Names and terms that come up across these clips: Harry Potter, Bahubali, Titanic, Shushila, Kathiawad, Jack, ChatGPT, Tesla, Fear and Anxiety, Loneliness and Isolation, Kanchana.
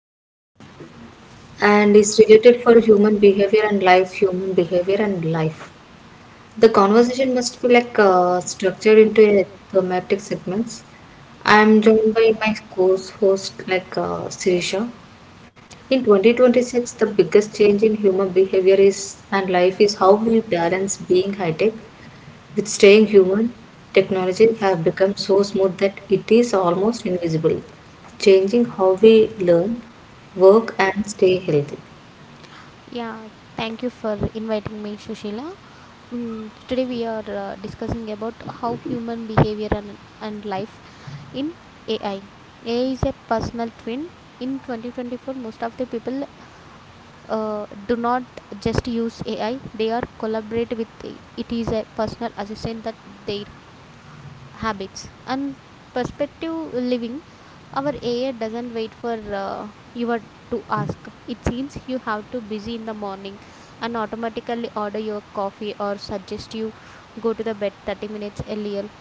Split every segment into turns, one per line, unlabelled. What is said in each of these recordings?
everyone, and is related for human behavior and life. The conversation must be like structured into a thematic segments. I am joined by my co-host like Sirisha. In 2026, the biggest change in human behavior is and life is how we balance being high tech with staying human. Technology have become so smooth that it is almost invisible, changing how we learn, work, and stay healthy.
Yeah, thank you for inviting me, Shushila. Today we are discussing about how human behavior and life in AI. AI is a personal twin. In 2024, most of the people do not just use AI; they are collaborate with it. It is a personal assistant that they habits and perspective living. Our AI doesn't wait for your to ask. It seems you have to busy in the morning and automatically order your coffee or suggest you go to the bed 30 minutes earlier.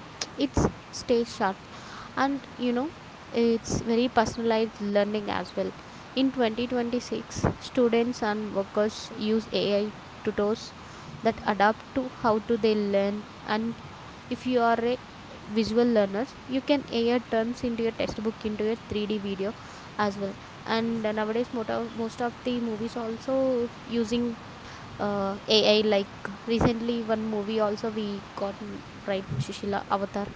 It's stay sharp. And it's very personalized learning as well. In 2026, students and workers use AI tutors that adapt to how to they learn. And if you are a visual learners, you can AI turns into your textbook into a 3D video as well. And nowadays most of the movies also using AI, like recently one movie also we got right, Shushila, Avatar.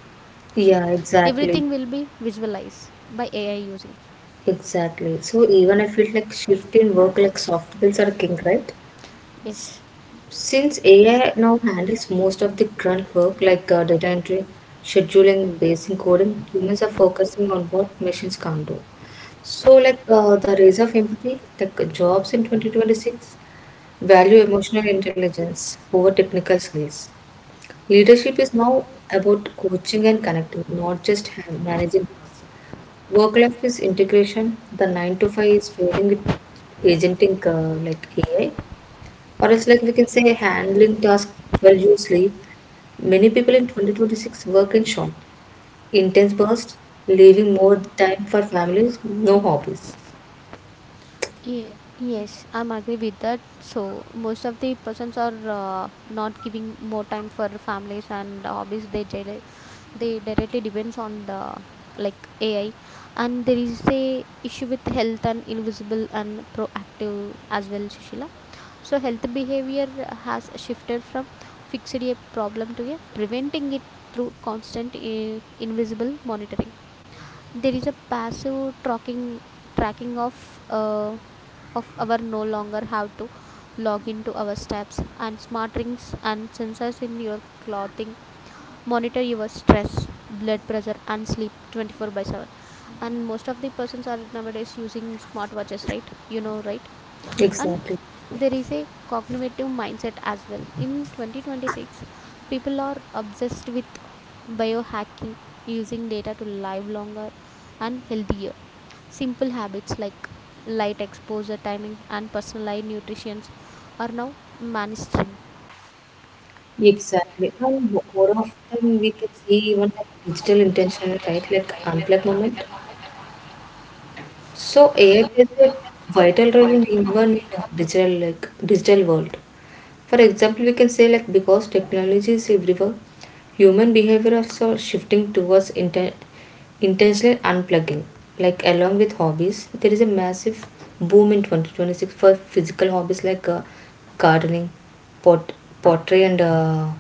So
Yeah, exactly.
everything exactly will be visualized by AI using.
Exactly. So even I feel like shift in work like soft skills are king, right?
Yes.
Since AI now handles most of the grunt work like data entry, scheduling, basic coding, humans are focusing on what machines can't do. So like the rise of empathy, like jobs in 2026 value emotional intelligence over technical skills. Leadership is now about coaching and connecting, not just managing. Work life is integration. The 9 to 5 is fading with agenting like AI, or else, like we can say, handling tasks while you sleep. Many people in 2026 work in short, intense bursts, leaving more time for families, no hobbies.
Yes, I'm agree with that. So most of the persons are not giving more time for families and hobbies. They directly depends on the like AI, and there is a issue with health and invisible and proactive as well, Shishila. So health behavior has shifted from fixing a problem to a preventing it through constant invisible monitoring. There is a passive tracking of our no longer have to log into our steps and smart rings and sensors in your clothing monitor your stress blood pressure and sleep 24 by 7. And most of the persons are nowadays using smartwatches, right? Right? And
Exactly.
there is a cognitive mindset as well. In 2026, people are obsessed with biohacking, using data to live longer and healthier. Simple habits like light exposure timing and personalized nutrition are now mainstream.
Exactly. And more often we can see even like digital intentional, right? Like unplug moment. So AI plays a vital role in even in a digital like digital world. For example, we can say, like because technology is everywhere, human behavior is also shifting towards intentional unplugging. Like along with hobbies, there is a massive boom in 2026 for physical hobbies like gardening, pot pottery, and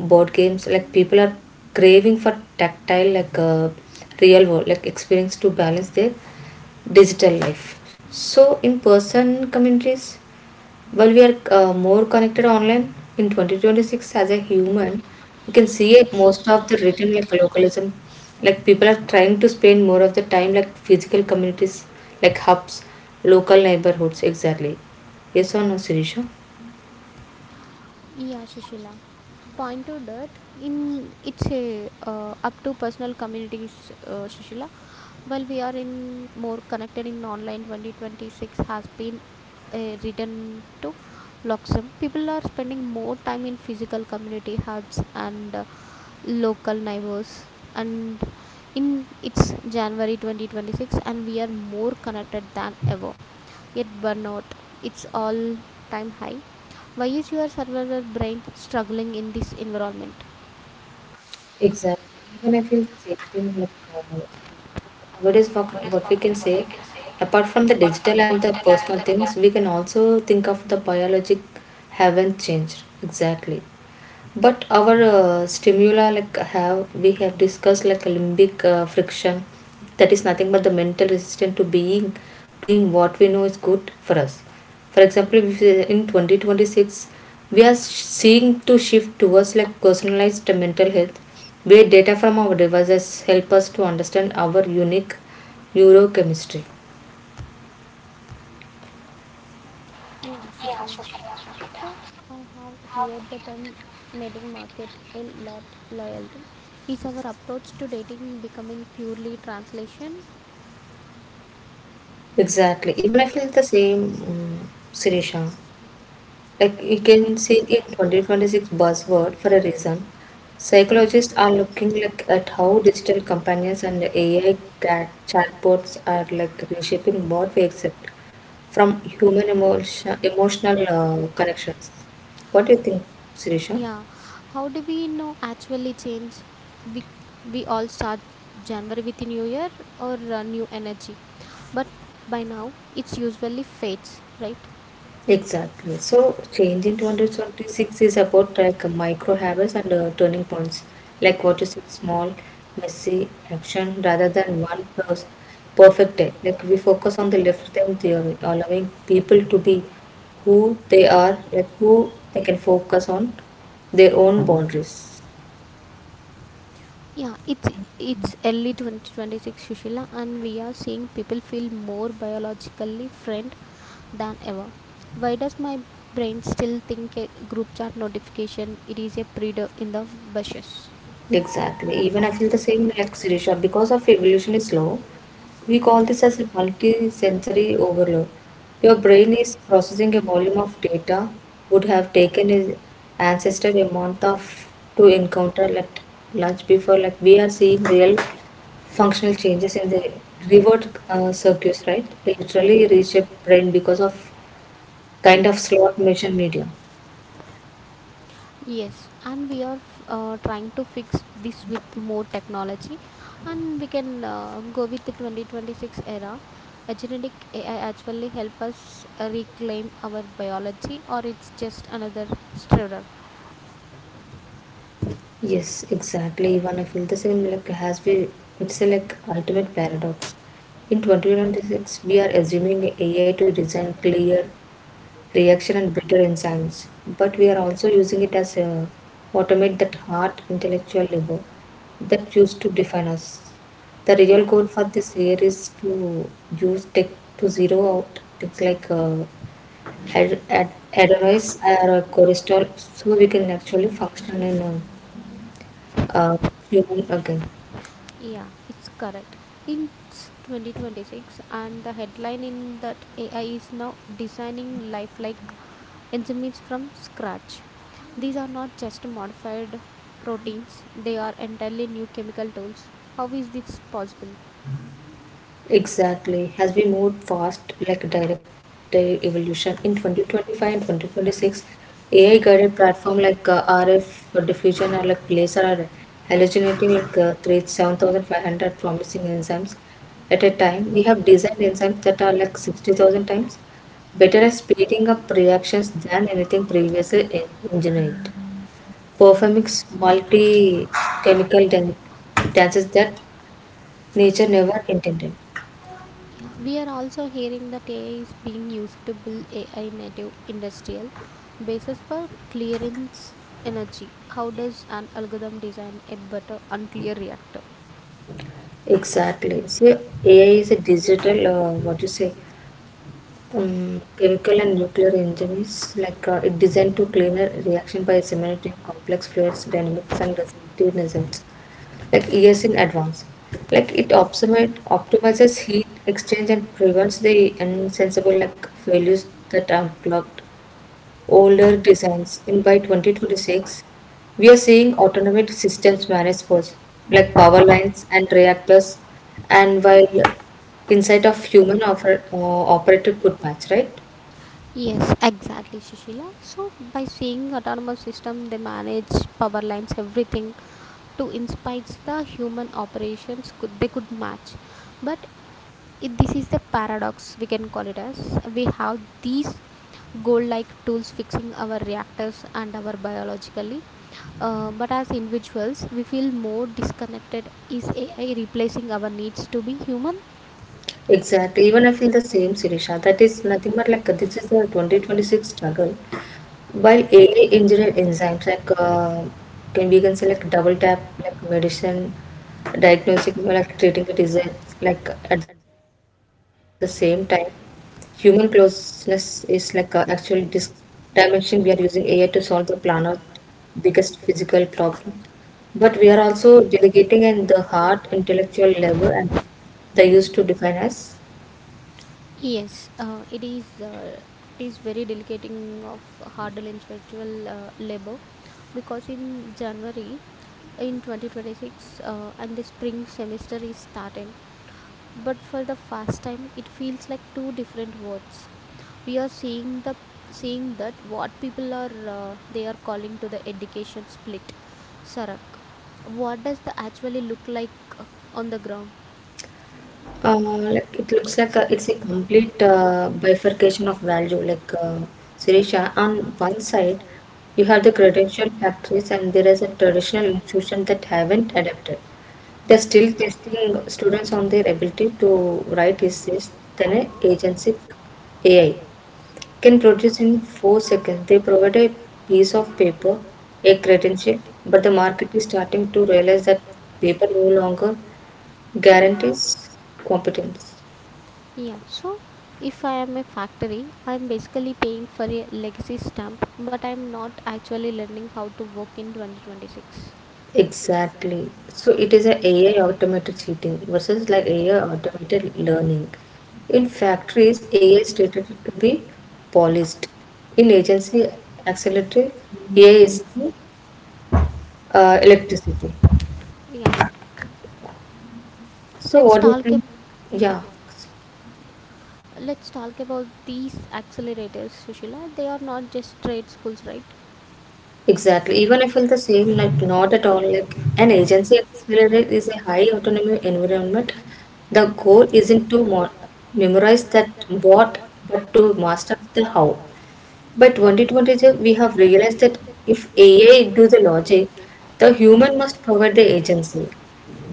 board games. Like people are craving for tactile, like real world like experience to balance their digital life. So in person communities, while we are more connected online in 2026 as a human, you can see it most of the written like localism. Like people are trying to spend more of the time like physical communities, like hubs, local neighborhoods. Exactly. Yes or no, Sirisha?
Yeah, Shushila. Point to that in it's a up to personal communities, Sushila. Well, we are in more connected in online 2026 has been written to Luxem. People are spending more time in physical community hubs and local neighbors. And in it's January 2026, and we are more connected than ever. Yet burnout, it's all time high. Why is your survival brain struggling in this environment?
Exactly. Even I feel the same thing, like What is what, what we can say, apart from the digital and the personal things, we can also think of the biologic haven't changed exactly. But our stimula, like have we have discussed, like limbic friction, that is nothing but the mental resistance to being doing what we know is good for us. For example, if in 2026 we are seeing to shift towards like personalized mental health where data from our devices help us to understand our unique neurochemistry.
Yeah, Sushila. So I have heard the term mating market a lot loyalty. Is our approach to dating becoming purely translation?
Exactly. Even I feel the same, Sirisha. Like you can see in 2026 buzzword for a reason. Psychologists are looking, like at how digital companions and AI cat chatbots are like reshaping what we accept from human emotional connections. What do you think, Sirisha?
Yeah. How do we know actually change? We we all start January with a new year or a new energy, but by now it's usually fades, right?
Exactly. So, change in 2026 is about like micro habits and turning points, like what you say, small, messy action rather than one perfect day. Like we focus on the left them theory, allowing people to be who they are, like who they can focus on their own boundaries.
Yeah, it's early 2026 Sushila, and we are seeing people feel more biologically friend than ever. Why does my brain still think a group chat notification it is a breeder in the bushes?
Exactly. Even I feel the same like Sirisha, because of evolution is slow. We call this as a multi-sensory overload. Your brain is processing a volume of data would have taken an ancestor a month of to encounter at lunch before. Like we are seeing real functional changes in the reward circuits, right? They literally reshape brain because of kind of slot machine medium.
Yes, and we are trying to fix this with more technology, and we can go with the 2026 era. A genetic AI actually help us reclaim our biology, or it's just another stirrer.
Yes, exactly. Even I feel the same like has been it's a like ultimate paradox. In 2026, we are assuming AI to design clear reaction and bitter enzymes, but we are also using it as a automate that hard intellectual labor that used to define us. The real goal for this year is to use tech to zero out things like adenoids or cholesterol so we can actually function in a, uh human again.
Yeah, it's correct. In 2026, and the headline in that AI is now designing life like enzymes from scratch. These are not just modified proteins, they are entirely new chemical tools. How is this possible?
Exactly. Has we moved fast like direct evolution in 2025 and 2026, AI guided platform like RF or diffusion or like laser are hallucinating like 3 7,500 promising enzymes at a time. We have designed enzymes that are like 60,000 times better at speeding up reactions than anything previously engineered, performing multi chemical dances that nature never intended.
Yeah, we are also hearing that AI is being used to build AI native industrial basis for clearance energy. How does an algorithm design a better unclear reactor?
Exactly. See, AI is a digital, what you say, chemical and nuclear engine is like it designed to cleaner reaction by simulating complex fluids, dynamics, and respective results, like years in advance. Like it optimizes heat exchange and prevents the insensible like failures that are blocked older designs. In by 2026, we are seeing automated systems manage sports like power lines and reactors, and while insight of human operated could match, right?
Yes, exactly, Shishila. So by saying autonomous system, they manage power lines, everything to inspire the human operations could they could match. But it, this is the paradox we can call it as. We have these gold like tools fixing our reactors and our biologically but as individuals we feel more disconnected. Is AI replacing our needs to be human?
Exactly. Even I feel the same, Sirisha. That is nothing but like this is the 2026 struggle. While AI engineer enzymes like can we can say like double tap like medicine, diagnostic like treating the disease like at the same time, human closeness is like actual dimension. We are using AI to solve the planet's biggest physical problem. But we are also delegating in the heart, intellectual level, and they used to define us.
Yes uh, it is uh, it is very delegating of harder individual labor, because in January, in 2026, and the spring semester is started, but for the first time it feels like two different words. We are seeing the seeing that what people are they are calling to the education split sarak. What does the actually look like uh, on the ground?
Like it looks like it's a complete bifurcation of value. Like Sirisha, on one side, you have the credential factories, and there is a traditional institution that haven't adapted. They're still testing students on their ability to write essays. Then a agency AI can produce in 4 seconds. They provide a piece of paper, a credential, but the market is starting to realize that paper no longer guarantees competence.
Yeah, so if I am a factory, I am basically paying for a legacy stamp, but I am not actually learning how to work in 2026.
Exactly. So it is a AI automated cheating versus like AI automated learning. In factories, AI is stated to be polished. In agency accelerator, AI is the electricity.
Yeah,
So
let's
what do you
talk
think?
ab- yeah,
Yeah,
let's talk about these accelerators, Sushila. They are not just trade schools, right?
exactly. Even I feel the same, like not at all. Like an agency accelerator is a high autonomy environment. The goal isn't to mo memorize that what, but to master the how. But 2022, we have realized that if AI do the logic, the human must provide the agency,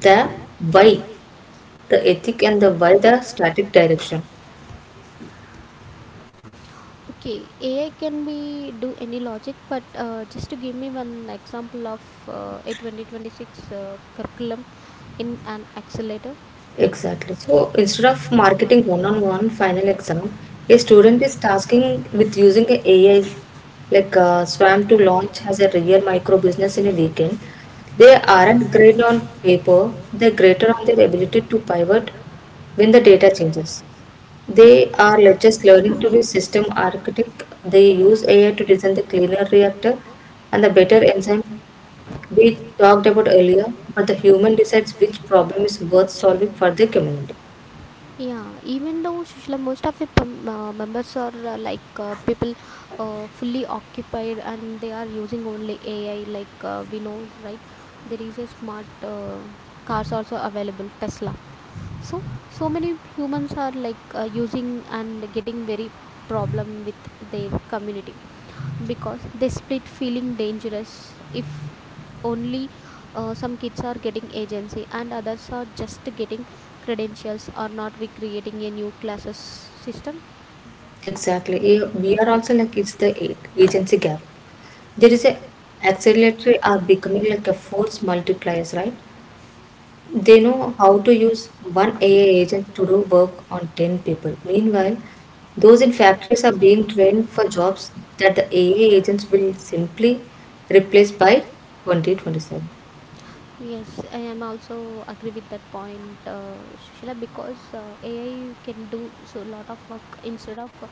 the why, the ethic, and the why the static direction.
Okay, AI can be do any logic, but just to give me one example of a 2026 curriculum in an accelerator.
Exactly. So instead of marketing one-on-one final exam, a student is tasking with using a AI like Swam to launch as a real micro business in a weekend. They aren't great on paper; they're greater on their ability to pivot when the data changes. They are just learning to be system architect. They use AI to design the cleaner reactor and the better enzyme we talked about earlier, but the human decides which problem is worth solving for the community.
Yeah, even though Sushila, most of the members are like people fully occupied and they are using only AI, like we know, right? There is a smart cars also available, Tesla. So many humans are like using and getting very problem with their community because they split feeling dangerous. If only some kids are getting agency and others are just getting credentials or not, we creating a new classes system.
Exactly. Yeah, we are also like it's the agency gap. There is a acceleratory are becoming like a force multipliers, right? They know how to use one AI agent to do work on 10 people. Meanwhile, those in factories are being trained for jobs that the AI agents will simply replace by 2027.
Yes, I am also agree with that point, Shila, because AI can do so lot of work. Instead of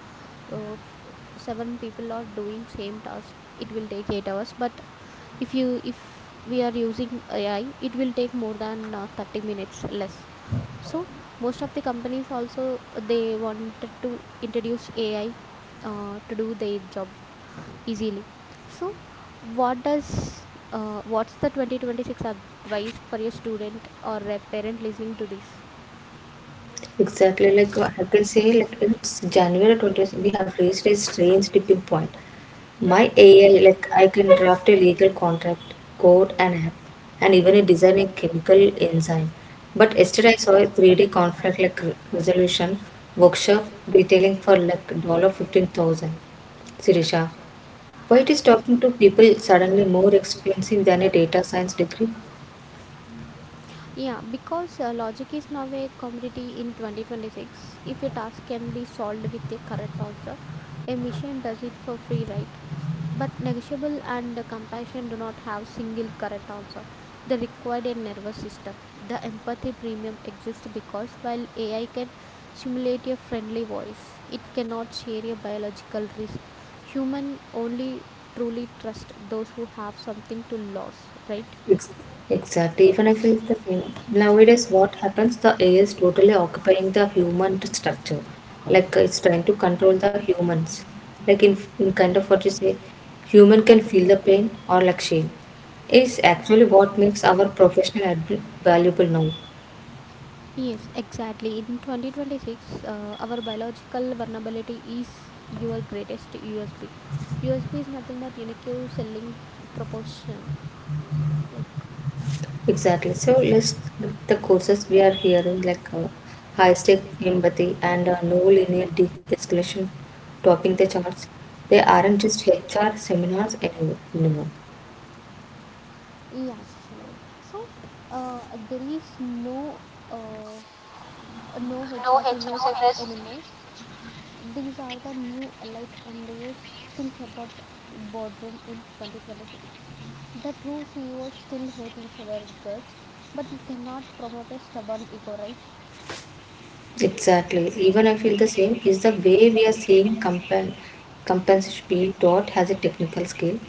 uh, f- seven people are doing same task, it will take 8 hours. But if we are using AI, it will take more than 30 minutes less. So most of the companies also they wanted to introduce AI to do their job easily. So, what does what's the 2026 advice for a student or a parent listening to this?
Exactly, like I can say, like it's January 20th, we have reached a strange tipping point. My AI, like I can draft a legal contract, code an app, and even a design a chemical enzyme. But yesterday I saw a 3D conflict like resolution workshop retailing for like $15,000. Sirisha, why it is talking to people suddenly more expensive than a data science degree?
Yeah, because logic is now a commodity in 2026. If a task can be solved with a correct answer, a machine does it for free, right? But negotiable and compassion do not have single correct answer. They require a nervous system. The empathy premium exists because while AI can simulate a friendly voice, it cannot share a biological risk. Human only truly trust those who have something to lose, right?
Ex- Exactly. Even if it's the same nowadays, what happens? The AI is totally occupying the human structure. Like it's trying to control the humans. Like in kind of what you say, human can feel the pain or like shame. Is actually what makes our professional admin valuable now.
Yes, exactly. In 2026, our biological vulnerability is your greatest USB. USB is nothing but unique selling proportion. Like,
Exactly. So list the courses we are hearing like high stake empathy and no linear de-escalation topping the charts. They aren't just HR seminars anymore.
yeah, Shishila. So there is uh, no HR savers anymore. These are the new elite MBAs. Think about boardroom in 2026. The two CEOs still hate each other guts, but you cannot promote a stubborn ego, right?
Exactly. Even I feel the same is the way we are seeing compensation being taught has a technical skill.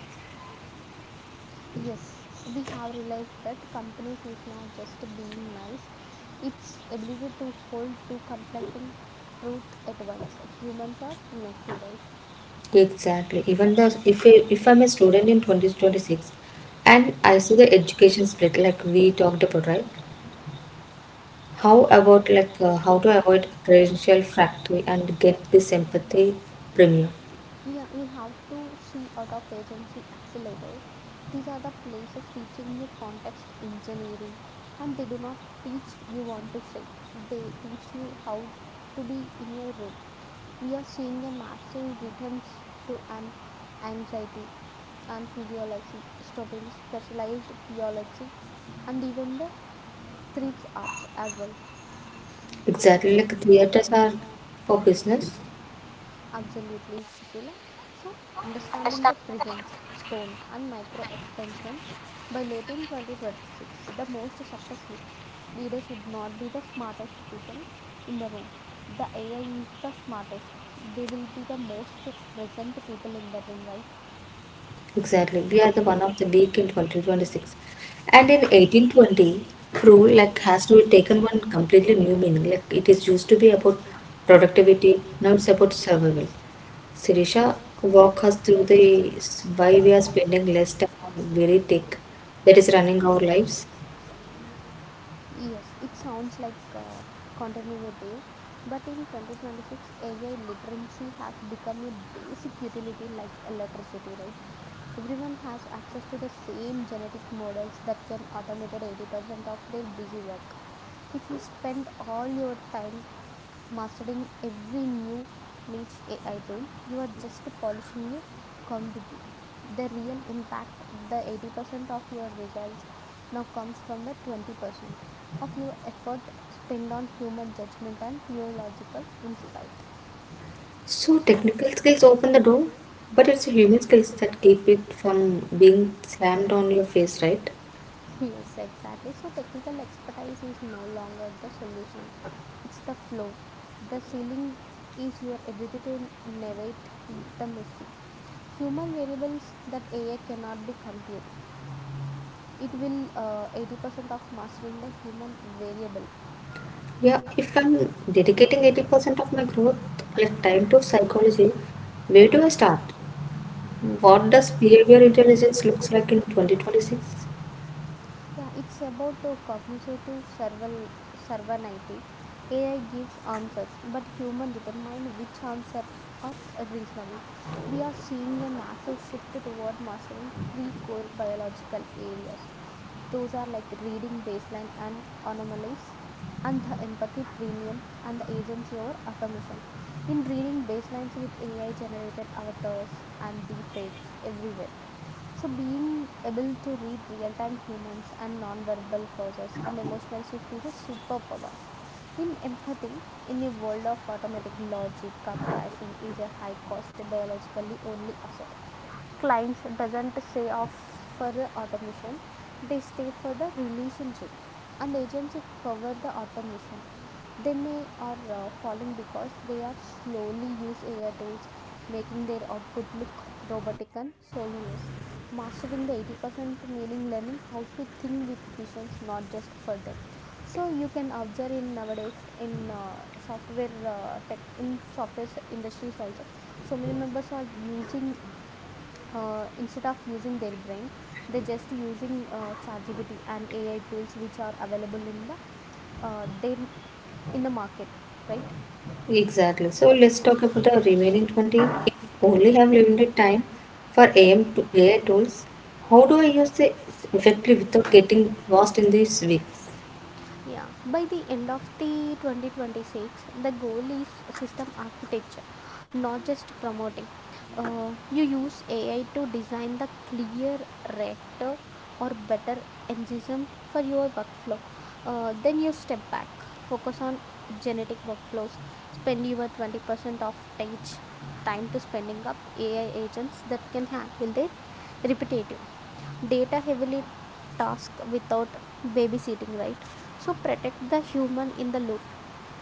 Yes, we have realized that companies is not just being nice; its ability to hold two conflicting truth at once. Humans are messy, right?
Exactly. Even the if if I'm a student in 2026 and I see the education split like we talked about, right? How about like how to avoid credential factory and get the sympathy premium?
Yeah, you have to see out of agency accelerators. These are the places teaching you context engineering, and they do not teach you what to say. They teach you how to be in your room. We are seeing a massive returns to an anxiety and physiology, stopping specialized physiology, and even the threats arts as well.
Exactly, like theaters are for business.
Absolutely, Sushila. So, understanding the presence, tone, and micro expansion by late in 2026, the most successful leaders would not be the smartest people in the room. The AI is the smartest. They will be the most present people in the room, right?
Exactly, we are the one of the week in 2026, and in 1820, rule like has to be taken one completely new meaning. Like it is used to be about productivity, now it's about survival. Sirisha, walk us through the why we are spending less time on very tech that is running our lives.
Yes, it sounds like counterintuitive, but in 2026, AI literacy has become a basic utility like electricity, right? Everyone has access to the same genetic models that can automate 80% of their busy work. If you spend all your time mastering every new niche AI tool, you are just polishing your commodity. The real impact, the 80% of your results, now comes from the 20% of your effort spent on human judgment and theological insight.
So technical skills open the door, but it's human skills that keep it from being slammed on your face, right?
Yes, exactly. So, technical expertise is no longer the solution, it's the flow. The ceiling is your ability to navigate the messy human variables that AI cannot be compute. It will 80% of mastering the human variable.
Yeah, if I'm dedicating 80% of my growth, like time to psychology, where do I start? What does behavior intelligence looks like in 2026?
Yeah, it's about cognitive serval servanity. Ai gives answers, but human determine which answer are reasonable. We are seeing a massive shift toward mastering three core biological areas. Those are like reading baseline and anomalies, and the empathy premium, and the agency over automation. In reading baselines with AI generated avatars and deepfakes everywhere, so being able to read real-time humans and non-verbal causes and emotional shift is a superpower. In empathy, in a world of automatic logic, compassion is a high cost biologically only asset. Clients doesn't say off for the automation, they stay for the relationship. And agency cover the automation, they may are falling because they are slowly use AI tools making their output look robotic and soulless. Mastering the 80% meaning learning how to think with visions, not just for them. So you can observe in nowadays in software tech in software industries also. So many members are using instead of using their brain, they just using ChatGPT and AI tools which are available in the their in the market, right?
Exactly. So let's talk about the remaining 20. If only have limited time for AM to AI tools, how do I use it effectively without getting lost in this week?
Yeah, by the end of the 2026, the goal is system architecture, not just promoting. You use AI to design the clear, rector, or better engine for your workflow. Then you step back, focus on genetic workflows, spend your 20% of teach time to spending up AI agents that can handle their repetitive data heavily task without babysitting, right? So protect the human in the loop.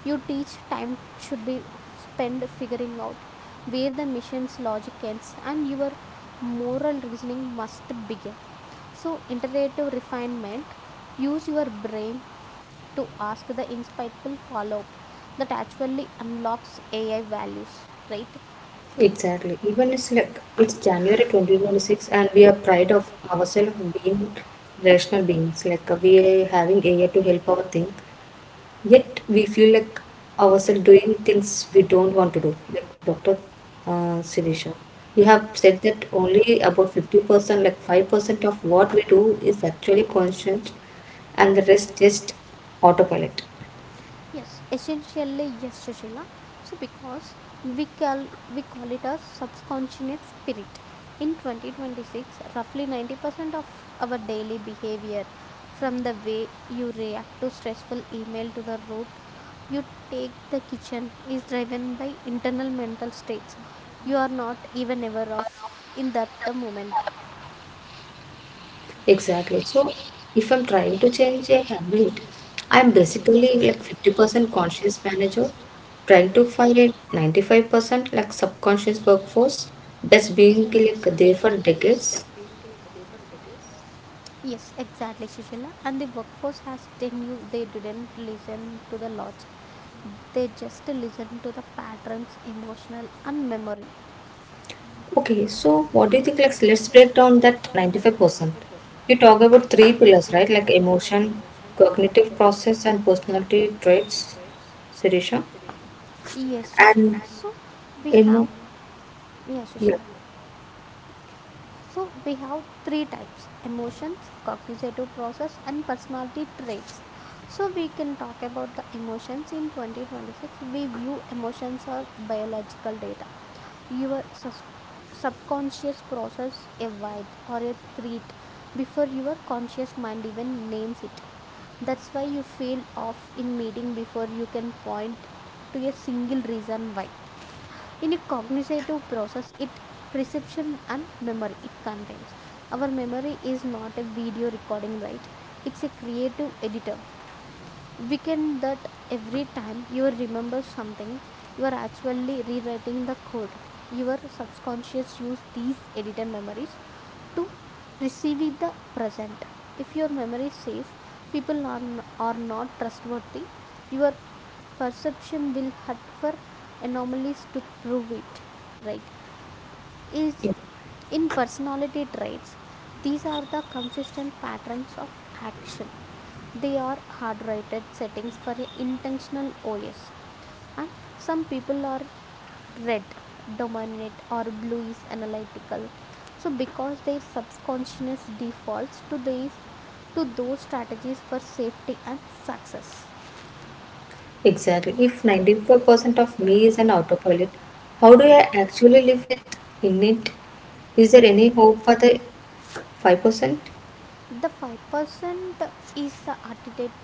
You teach time should be spent figuring out where the machine's logic ends and your moral reasoning must begin. So iterative refinement, use your brain to ask the insightful follow up that actually unlocks ai values, right?
Exactly. Even it's like it's January 2026, and we are proud of ourselves being rational beings. Like we are having AI to help our thing, yet we feel like ourselves doing things we don't want to do. Like Doctor Sirisha, you have said that only about 50%, like 5% of what we do is actually conscious, and the rest just autopilot.
Yes, essentially yes, Sushila. So because we call it a subconscious spirit. In 2026, roughly 90% of our daily behavior, from the way you react to stressful email to the route you take the kitchen, is driven by internal mental states you are not even aware of in that the moment.
Exactly. So if I'm trying to change a habit, I'm basically like 50% conscious manager, trying to find a 95% like subconscious workforce that's been like there for decades.
Yes, exactly, Shishila. And the workforce has tenure. They didn't listen to the logic. They just listen to the patterns, emotional and memory.
Okay, so what do you think? Like, let's break down that 95%. You talk about three pillars, right? Like emotion, cognitive process, and personality traits, Sirisha.
Yes, Shushila.
And
So we
emo,
have, yeah,
yeah,
Shushila. So we have three types: emotions, cognitive process, and personality traits. So we can talk about the emotions in 2026. We view emotions are biological data. Your subconscious process a vibe or a treat before your conscious mind even names it. That's why you feel off in meeting before you can point to a single reason why. In a cognitive process, it perception and memory it contains. Our memory is not a video recording, right? It's a creative editor. We can that every time you remember something, you are actually rewriting the code. Your subconscious use these edited memories to perceiving the present. If your memory says people are, are not trustworthy, your perception will hunt for anomalies to prove it, right? Is
yeah.
in personality traits, these are the consistent patterns of action. They are hard-rated settings for a intentional os, and some people are red dominant or blue is analytical, so because their subconscious defaults to these to those strategies for safety and success.
Exactly. If 95% of me is an autopilot, how do I actually live with in it? Is there any hope for the 5%?
The 5% is the architect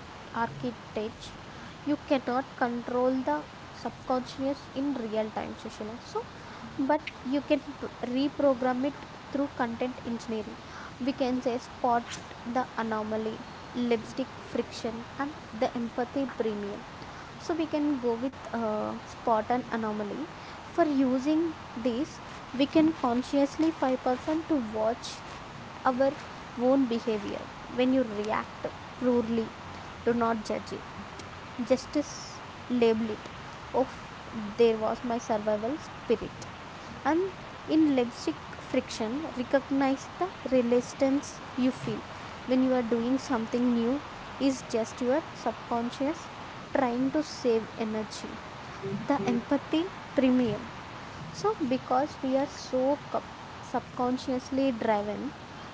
architect You cannot control the subconscious in real time, Sushila. So but you can reprogram it through content engineering. We can say spot the anomaly, lipstick friction, and the empathy premium. So we can go with spot and anomaly. For using this we can consciously 5% to watch our own behavior. When you react poorly, do not judge it. Justice label it. Of there was my survival spirit. And in lipstick friction, recognize the resistance you feel when you are doing something new is just your subconscious trying to save energy. The empathy premium, so, because we are so subconsciously driven,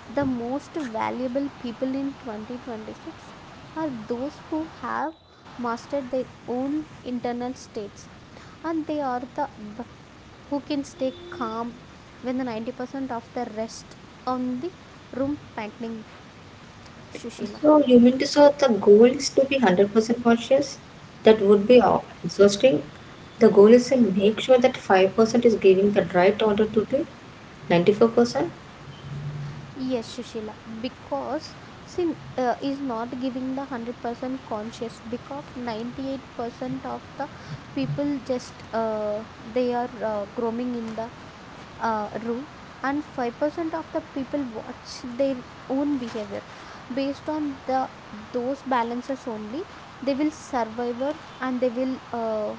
the most valuable people in 2026 are those who have mastered their own internal states, and they are the who can stay calm when the 90% of the rest on the room panting, Shushila.
So you mean to say the goal is to be 100% conscious? That would be exhausting. The goal is to make sure that 5% is giving the right order to the 94%.
Yes, Shushila, because sin is not giving the 100% conscious, because 98% of the people just they are roaming in the room, and 5% of the people watch their own behavior based on the those balances only. They will survive and they will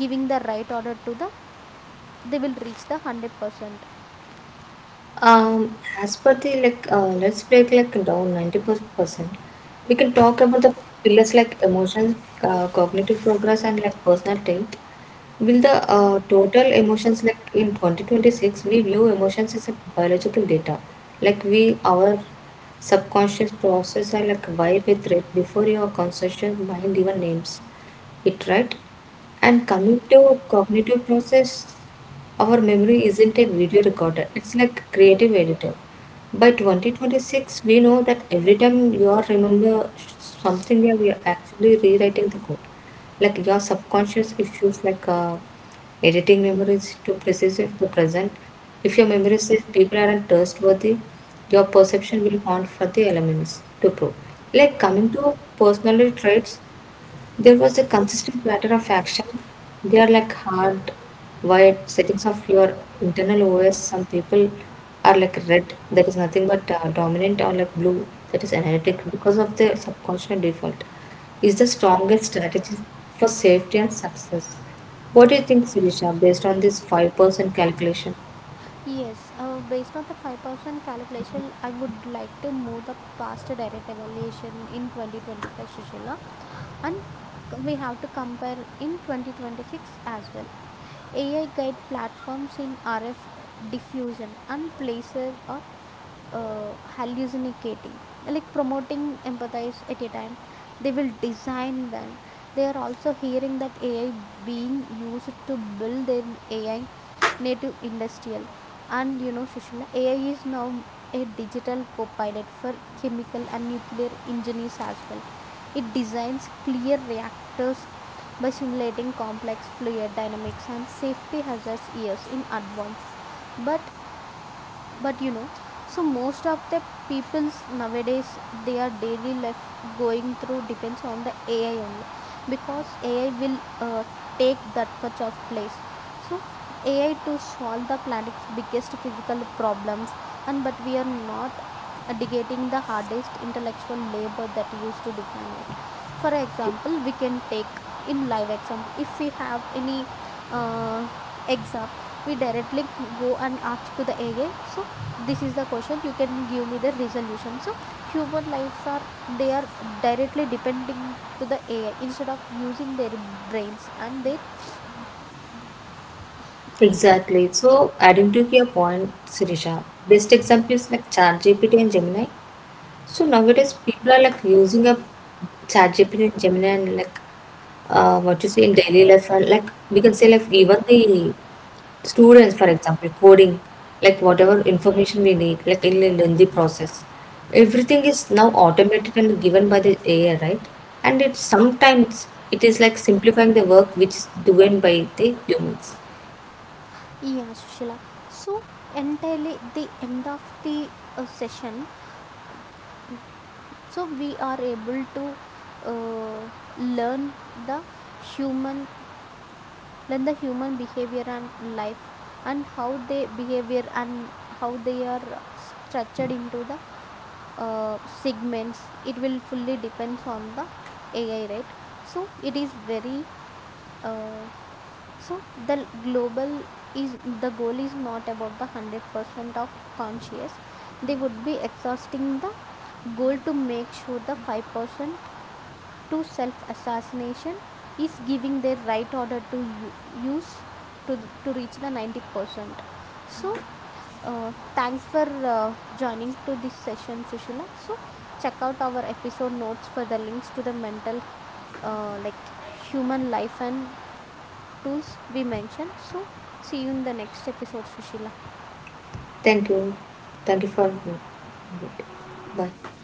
giving the right order to the, they will reach the 100%.
As per the like, let's break like down 90%. We can talk about the pillars like emotions, cognitive progress, and like personal trait. Will the total emotions like in 2026 we view emotions as a biological data, like we our subconscious process are like vibe with it before your conscious mind even names it, right? And coming to cognitive process, our memory isn't a video recorder, it's like creative editor. By 2026 we know that every time you are remember something, we are actually rewriting the code, like your subconscious issues like editing memories to precisely to present. If your memory says people aren't trustworthy, your perception will haunt for the elements to prove. Like coming to personality traits, there was a consistent pattern of action. They are like hardwired settings of your internal OS. Some people are like red, that is nothing but dominant, or like blue, that is analytic, because of the subconscious default. Is the strongest strategy for safety and success. What do you think, Sirisha, based on this 5% calculation?
Yes, based on the 5% calculation, I would like to move the past direct evaluation in 2025, Sushila, and we have to compare in 2026 as well. AI guide platforms in RF diffusion and placer or hallucinating like promoting empathize at a time they will design, then they are also hearing that ai being used to build their ai native industrial. And you know, Sushila, ai is now a digital co-pilot for chemical and nuclear engineers as well. It designs clear reactors by simulating complex fluid dynamics and safety hazards years in advance. But but you know, so most of the people's nowadays their daily life going through depends on the ai only, because ai will take that much of place. So ai to solve the planet's biggest physical problems, and but we are not dedicating the hardest intellectual labor that used to define us. For example, we can take in live example, if we have any uh, exam, we directly go and ask to the AI. So this is the question, you can give me the resolution. So human lives are they are directly depending to the AI instead of using their brains and their,
Exactly. So, adding to your point, Sirisha, best example is like ChatGPT and Gemini. So nowadays people are like using up ChatGPT and Gemini and like what you say in daily life, and like we can say, like even the students, for example coding, like whatever information we need, like in a lengthy process everything is now automated and given by the AI, right? And it sometimes it is like simplifying the work which is done by the humans.
yeah, Sushila. So entirely the end of the session, so we are able to uh, learn the human learn the human behavior and life, and how they behavior and how they are structured into the segments, it will fully depends on the ai, right? So it is very uh, so the global is the goal is not about the 100% of conscious. They would be exhausting the goal to make sure the 5% to self assassination is giving their right order to use to reach the 90%. So thanks for joining to this session, Sushila. So check out our episode notes for the links to the mental, like human life and tools we mentioned. So see you in the next episode, Sushila.
Thank you. Thank you for bye.